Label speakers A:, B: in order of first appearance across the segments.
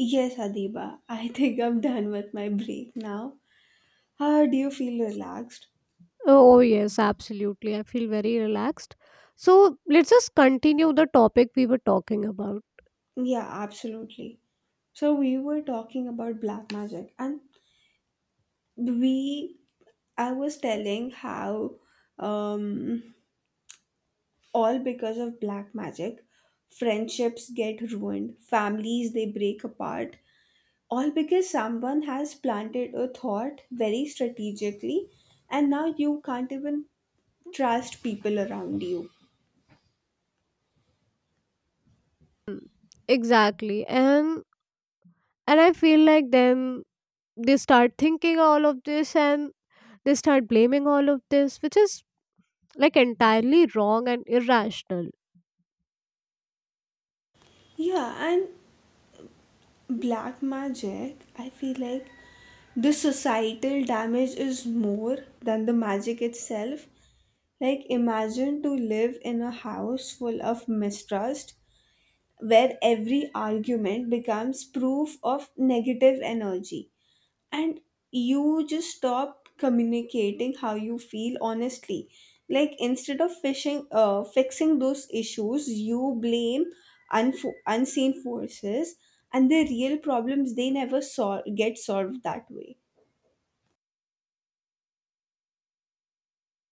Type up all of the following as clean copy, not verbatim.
A: Yes, Adiba, I think I'm done with my break now. How do you feel relaxed?
B: Oh, yes, absolutely. I feel very relaxed. So let's just continue the topic we were talking about.
A: Yeah, absolutely. So we were talking about black magic and we I was telling how um all because of black magic friendships get ruined, families they break apart, all because someone has planted a thought very strategically, and now you can't even trust people around you.
B: Mm, exactly. And I feel like then they start thinking all of this, and they start blaming all of this, which is like entirely wrong and irrational.
A: Yeah, and black magic, I feel like the societal damage is more than the magic itself. Like, imagine to live in a house full of mistrust, where every argument becomes proof of negative energy, and you just stop communicating how you feel honestly. Like, instead of fishing fixing those issues, you blame unseen forces, and the real problems they never get solved that way.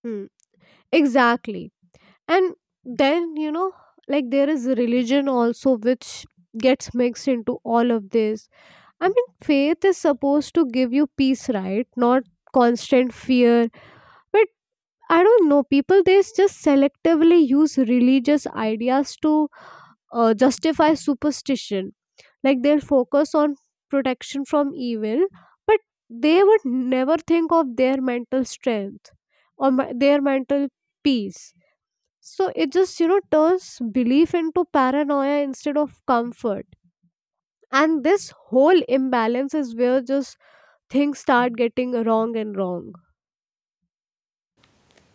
B: Hmm. Exactly. And then like there is religion also which gets mixed into all of this. I mean, faith is supposed to give you peace, right? Not constant fear. But I don't know, people they just selectively use religious ideas to justify superstition. Like, they'll focus on protection from evil, but they would never think of their mental strength, or their mental peace. So it just, you know, turns belief into paranoia instead of comfort. And this whole imbalance is where just things start getting wrong and wrong.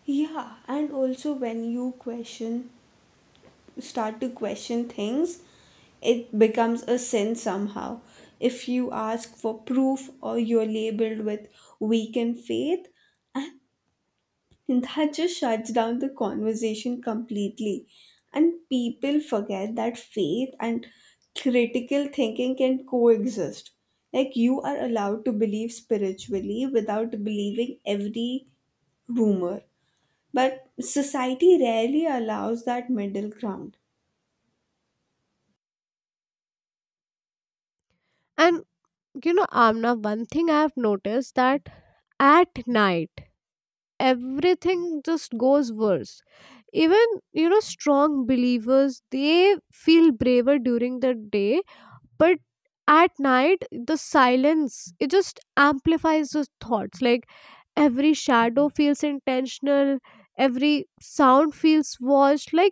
A: Yeah, and also when you question start to question things, it becomes a sin somehow. If you ask for proof, or you're labeled with weakened faith, and that just shuts down the conversation completely. And people forget that faith and critical thinking can coexist. Like, you are allowed to believe spiritually without believing every rumor. But society rarely allows that middle ground.
B: And, you know, Amna, one thing I have noticed, that at night, everything just goes worse. Even, you know, strong believers, they feel braver during the day, but at night the silence, it just amplifies those thoughts. Like, every shadow feels intentional, every sound feels watched, like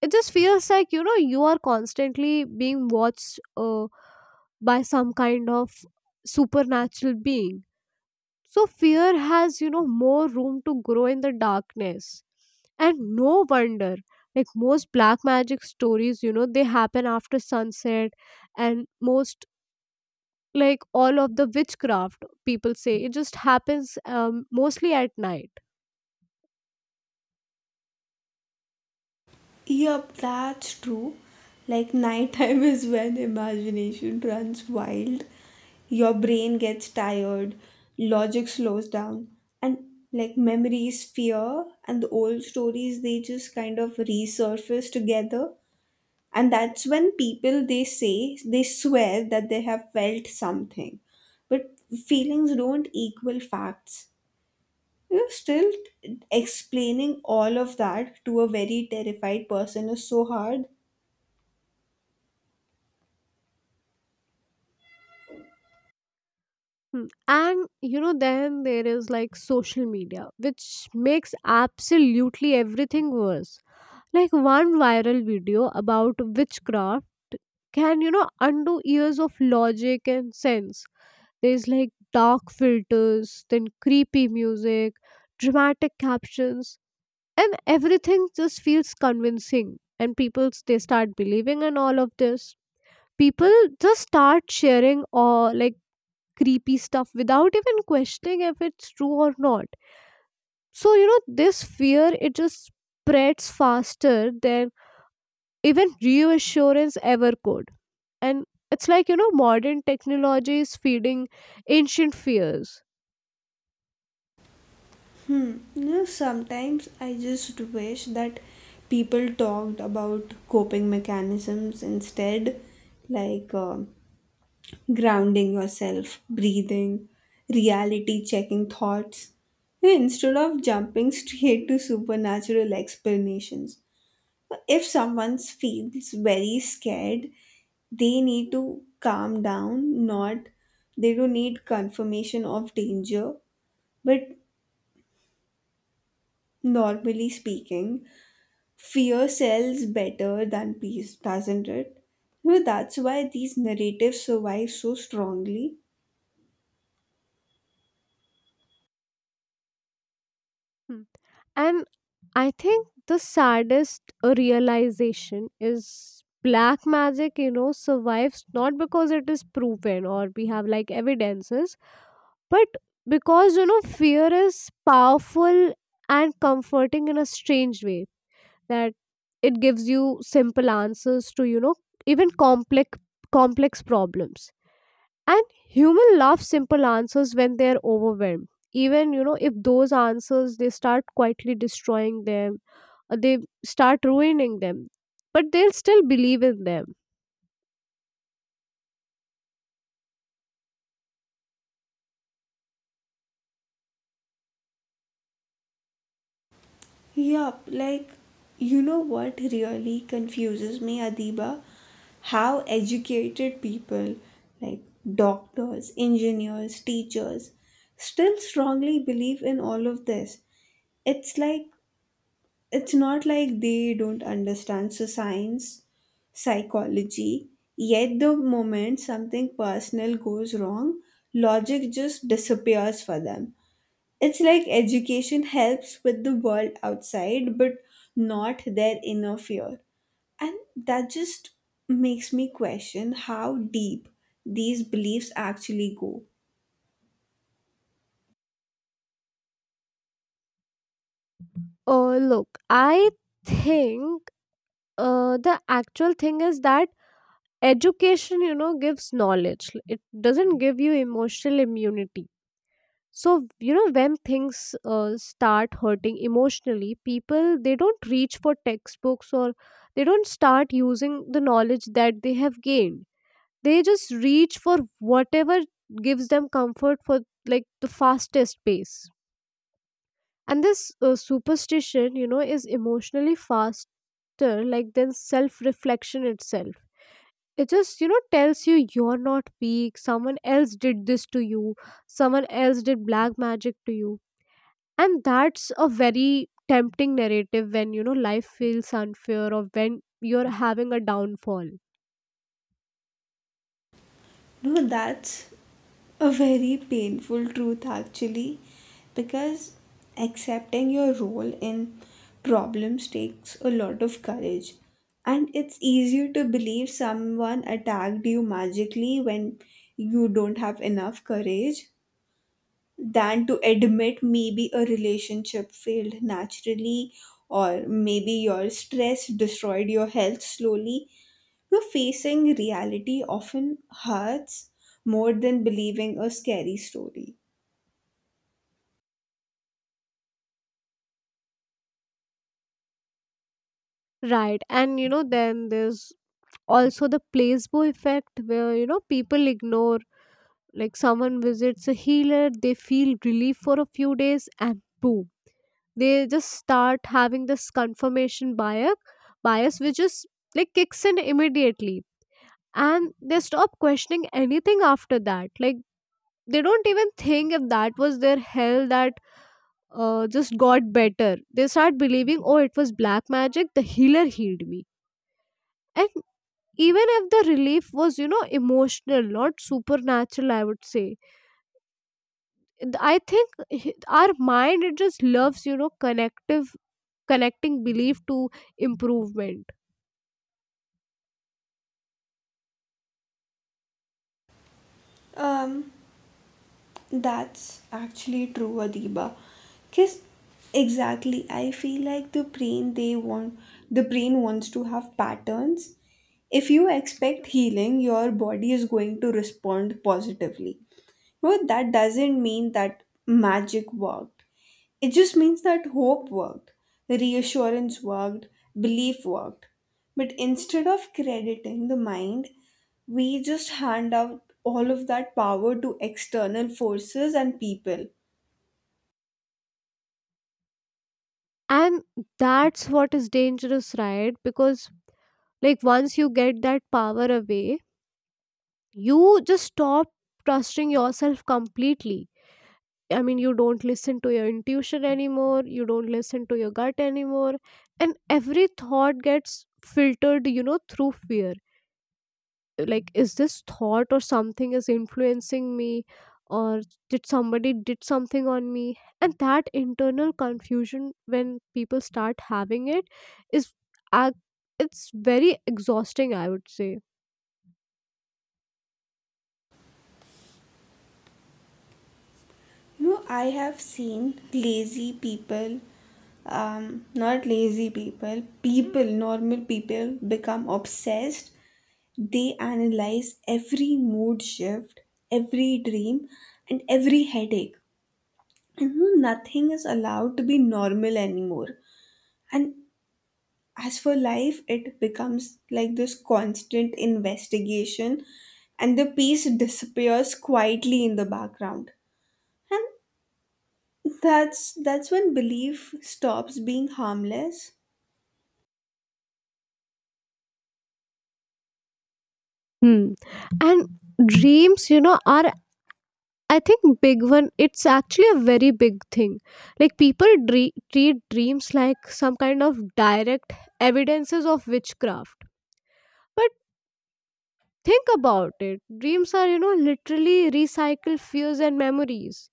B: it just feels like, you know, you are constantly being watched by some kind of supernatural being. So fear has, you know, more room to grow in the darkness, and no wonder like most black magic stories, you know, they happen after sunset, and most like all of the witchcraft people say it just happens mostly at night.
A: Yup, that's true. Like, nighttime is when imagination runs wild. Your brain gets tired, logic slows down, and like memories, fear, and the old stories, they just kind of resurface together. And that's when people, they say, they swear that they have felt something. But feelings don't equal facts. You're still explaining all of that to a very terrified person is so hard.
B: Hmm. And you know, then there is like social media, which makes absolutely everything worse. Like one viral video about witchcraft can, you know, undo years of logic and sense. There's like dark filters, then creepy music, dramatic captions, and everything just feels convincing, and they start believing in all of this. People just start sharing or like creepy stuff without even questioning if it's true or not. So you know, this fear, it just spreads faster than even reassurance ever could. And it's like, you know, modern technology is feeding ancient fears.
A: Hmm, you know, sometimes I just wish that people talked about coping mechanisms instead, like grounding yourself, breathing, reality checking thoughts, instead of jumping straight to supernatural explanations. If someone feels very scared, they need to calm down, not They don't need confirmation of danger, but normally speaking, fear sells better than peace, doesn't it? You know, that's why these narratives survive so strongly.
B: Hmm. And I think the saddest realization is black magic, you know, survives not because it is proven or we have like evidences, but because, you know, fear is powerful and comforting in a strange way, that it gives you simple answers to, you know, even complex problems. And human love simple answers when they're overwhelmed. Even, you know, if those answers they start quietly destroying them, they start ruining them, but they'll still believe in them.
A: Yup, like, you know what really confuses me, Adiba? How educated people, like doctors, engineers, teachers, still strongly believe in all of this. It's like, it's not like they don't understand so science, psychology, yet the moment something personal goes wrong, logic just disappears for them. It's like education helps with the world outside, but not their inner fear. And that just makes me question how deep these beliefs actually go.
B: Look, I think the actual thing is that education, you know, gives knowledge, it doesn't give you emotional immunity. So you know, when things start hurting emotionally, people they don't reach for textbooks, or they don't start using the knowledge that they have gained. They just reach for whatever gives them comfort for like the fastest pace. And this superstition, you know, is emotionally faster, like, than self reflection itself. It just, you know, tells you you're not weak, someone else did this to you, someone else did black magic to you. And that's a very tempting narrative when, you know, life feels unfair, or when you're having a downfall.
A: No, that's a very painful truth actually, because accepting your role in problems takes a lot of courage, and it's easier to believe someone attacked you magically when you don't have enough courage than to admit maybe a relationship failed naturally, or maybe your stress destroyed your health slowly. But facing reality often hurts more than believing a scary story.
B: Right, and you know then there's also the placebo effect, where you know people ignore, like someone visits a healer, they feel relief for a few days, and boom, they just start having this confirmation bias, which is like kicks in immediately, and they stop questioning anything after that. Like, they don't even think if that was their hell that just got better. They start believing, oh, it was black magic, the healer healed me. And even if the relief was, you know, emotional, not supernatural, I would say I think our mind, it just loves, you know, connective connecting belief to improvement.
A: Um, that's actually true, Adiba. Cause exactly, I feel like the brain wants to have patterns. If you expect healing, your body is going to respond positively. But that doesn't mean that magic worked. It just means that hope worked, reassurance worked, belief worked. But instead of crediting the mind, we just hand out all of that power to external forces and people.
B: And that's what is dangerous, right? Because like once you get that power away, you just stop trusting yourself completely. I mean, you don't listen to your intuition anymore, you don't listen to your gut anymore. And every thought gets filtered, you know, through fear. Like, is this thought or something is influencing me, or did somebody did something on me? And that internal confusion, when people start having it, is ac- it's very exhausting, I would say.
A: You know, I have seen lazy people, not lazy people, people, normal people become obsessed. They analyze every mood shift, every dream, and every headache. And you know, nothing is allowed to be normal anymore. And as for life, it becomes like this constant investigation, and the peace disappears quietly in the background. And that's when belief stops being harmless.
B: Hmm. And dreams, you know, are I think big one, it's actually a very big thing. Like, treat dreams like some kind of direct evidences of witchcraft. But think about it. Dreams are, you know, literally recycled fears and memories.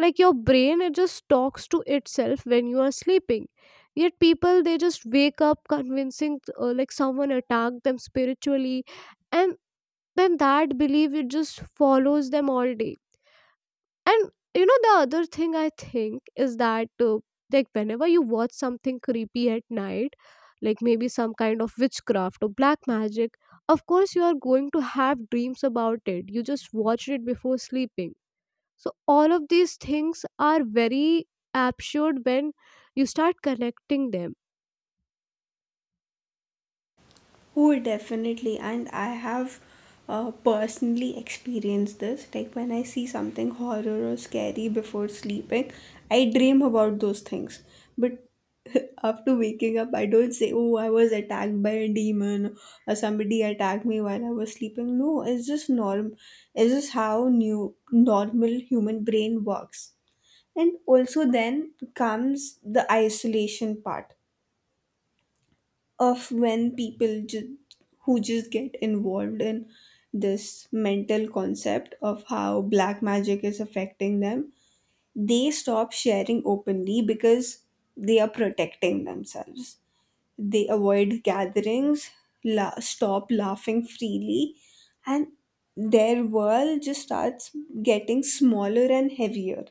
B: Like your brain, it just talks to itself when you are sleeping. Yet people, they just wake up convincing like someone attacked them spiritually, and then that belief, it just follows them all day. And you know, the other thing I think is that, like, whenever you watch something creepy at night, like maybe some kind of witchcraft or black magic, of course, you are going to have dreams about it. You just watched it before sleeping. So, all of these things are very absurd when you start connecting them.
A: Oh, definitely. And I have personally experienced this. Like, when I see something horror or scary before sleeping, I dream about those things. But after waking up, I don't say, oh, I was attacked by a demon or somebody attacked me while I was sleeping. No, it's just norm. It's just how new normal human brain works. And also then comes the isolation part of when who just get involved in this mental concept of how black magic is affecting them, they stop sharing openly because they are protecting themselves. They avoid gatherings, stop laughing freely, and their world just starts getting smaller and heavier.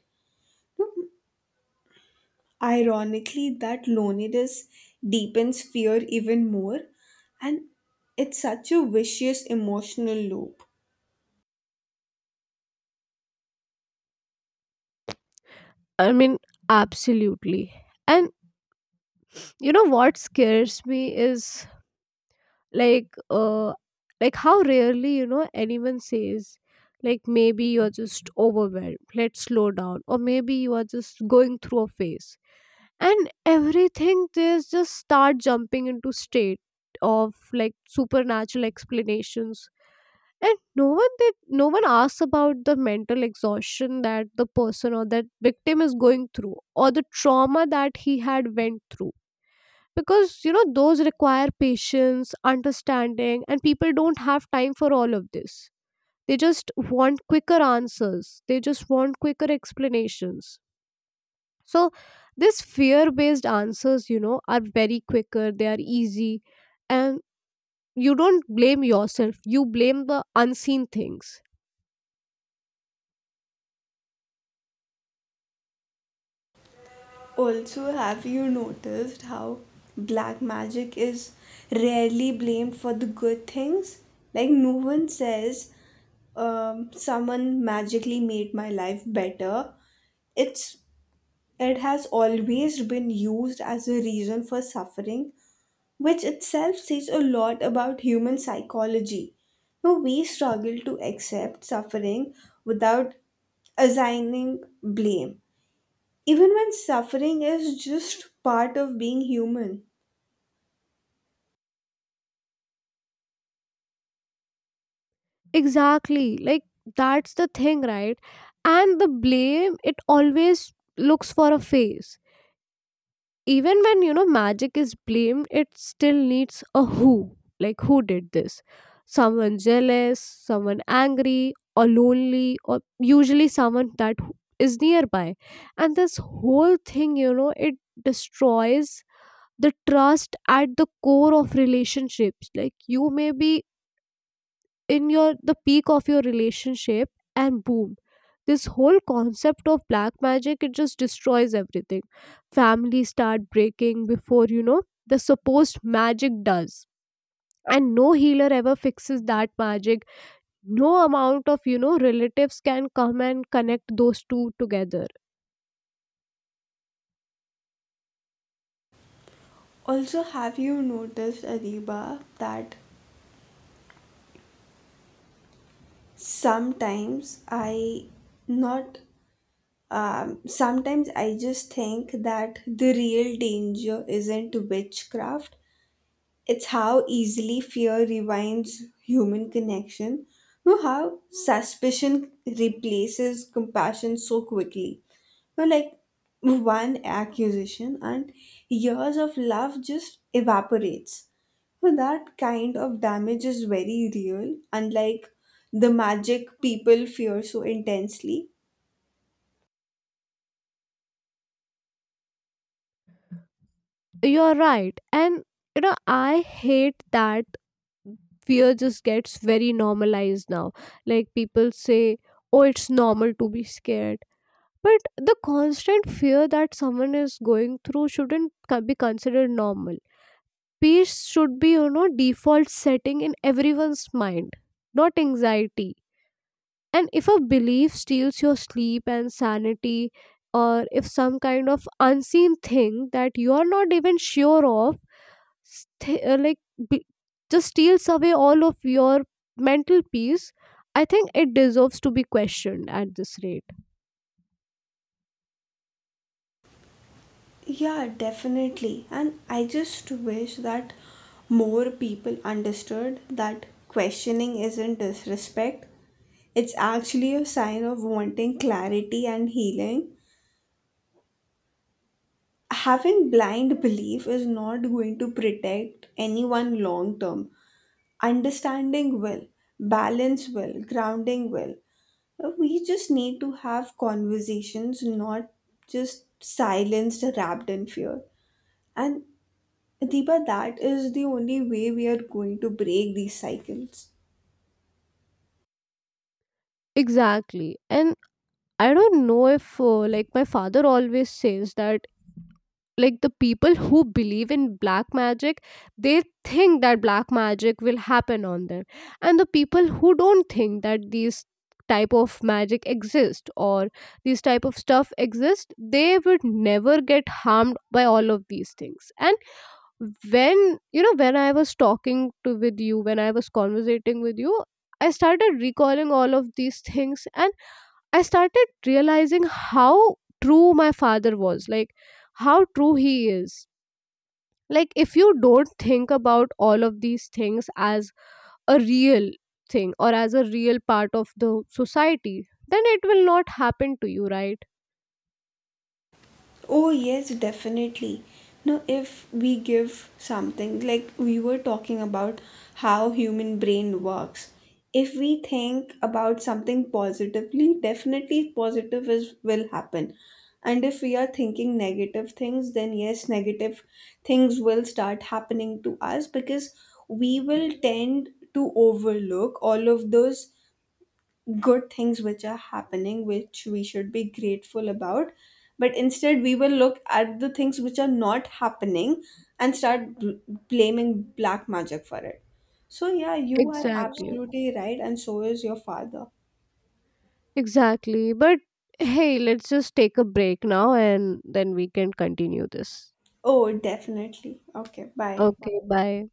A: Ironically, that loneliness deepens fear even more, and it's such a vicious emotional loop.
B: I mean, absolutely. And you know what scares me is like uh like how rarely, you know, anyone says like, maybe you're just overwhelmed, let's slow down, or maybe you are just going through a phase. And everything there's just start jumping into state of like supernatural explanations. And no one did, no one asks about the mental exhaustion that the person or that victim is going through, or the trauma that he had went through. Because, you know, those require patience, understanding, and people don't have time for all of this. They just want quicker answers, they just want quicker explanations. So this fear based answers, you know, are very quicker, they are easy. And you don't blame yourself, you blame the unseen things.
A: Also, have you noticed how black magic is rarely blamed for the good things? Like, no one says, someone magically made my life better. It's it has always been used as a reason for suffering, which itself says a lot about human psychology. Now, we struggle to accept suffering without assigning blame, even when suffering is just part of being human.
B: Exactly, like that's the thing, right? And the blame, it always looks for a face. Even when, you know, magic is blamed, it still needs a who, like, who did this? Someone jealous, someone angry or lonely, or usually someone is nearby. And this whole thing, you know, it destroys the trust at the core of relationships. Like, you may be in your the peak of your relationship, and boom, this whole concept of black magic, it just destroys everything. Families start breaking before, you know, the supposed magic does. And no healer ever fixes that magic, no amount of, you know, relatives can come and connect those two together.
A: Also, have you noticed, Adiba, that sometimes I not sometimes I just think that the real danger isn't witchcraft, it's how easily fear rewinds human connection. You know how suspicion replaces compassion so quickly. You know, like, one accusation and years of love just evaporates. So that kind of damage is very real, unlike the magic people fear so intensely.
B: You're right. And you know, I hate that fear just gets very normalized now. Like, people say, oh, it's normal to be scared. But the constant fear that someone is going through shouldn't be considered normal. Peace should be, you know, default setting in everyone's mind, not anxiety. And if a belief steals your sleep and sanity, or if some kind of unseen thing that you are not even sure of, st- uh, like be- just steals away all of your mental peace, I think it deserves to be questioned at this rate.
A: Yeah, definitely. And I just wish that more people understood that questioning isn't disrespect. It's actually a sign of wanting clarity and healing. Having blind belief is not going to protect anyone long term. Understanding will, balance will, grounding will. We just need to have conversations, not just silenced, wrapped in fear. And Deepa, that is the only way we are going to break these cycles.
B: Exactly. And I don't know if, like, my father always says that, like, the people who believe in black magic, they think that black magic will happen on them. And the people who don't think that these type of magic exist, or these type of stuff exist, they would never get harmed by all of these things. And when, you know, when I was talking to with you, when I was conversating with you, I started recalling all of these things, and I started realizing how true my father was, like how true he is. Like, if you don't think about all of these things as a real thing, or as a real part of the society, then it will not happen to you, right?
A: Oh, yes, definitely. Now, if we give something, like we were talking about how human brain works, if we think about something positively, definitely positive is will happen. And if we are thinking negative things, then yes, negative things will start happening to us, because we will tend to overlook all of those good things which are happening, which we should be grateful about, but instead we will look at the things which are not happening and blaming black magic for it. So yeah, you are
B: Exactly.
A: absolutely right, and so is your father.
B: Exactly. But hey, let's just take a break now, and then we can continue this.
A: Oh, definitely. Okay, bye.
B: Okay, bye.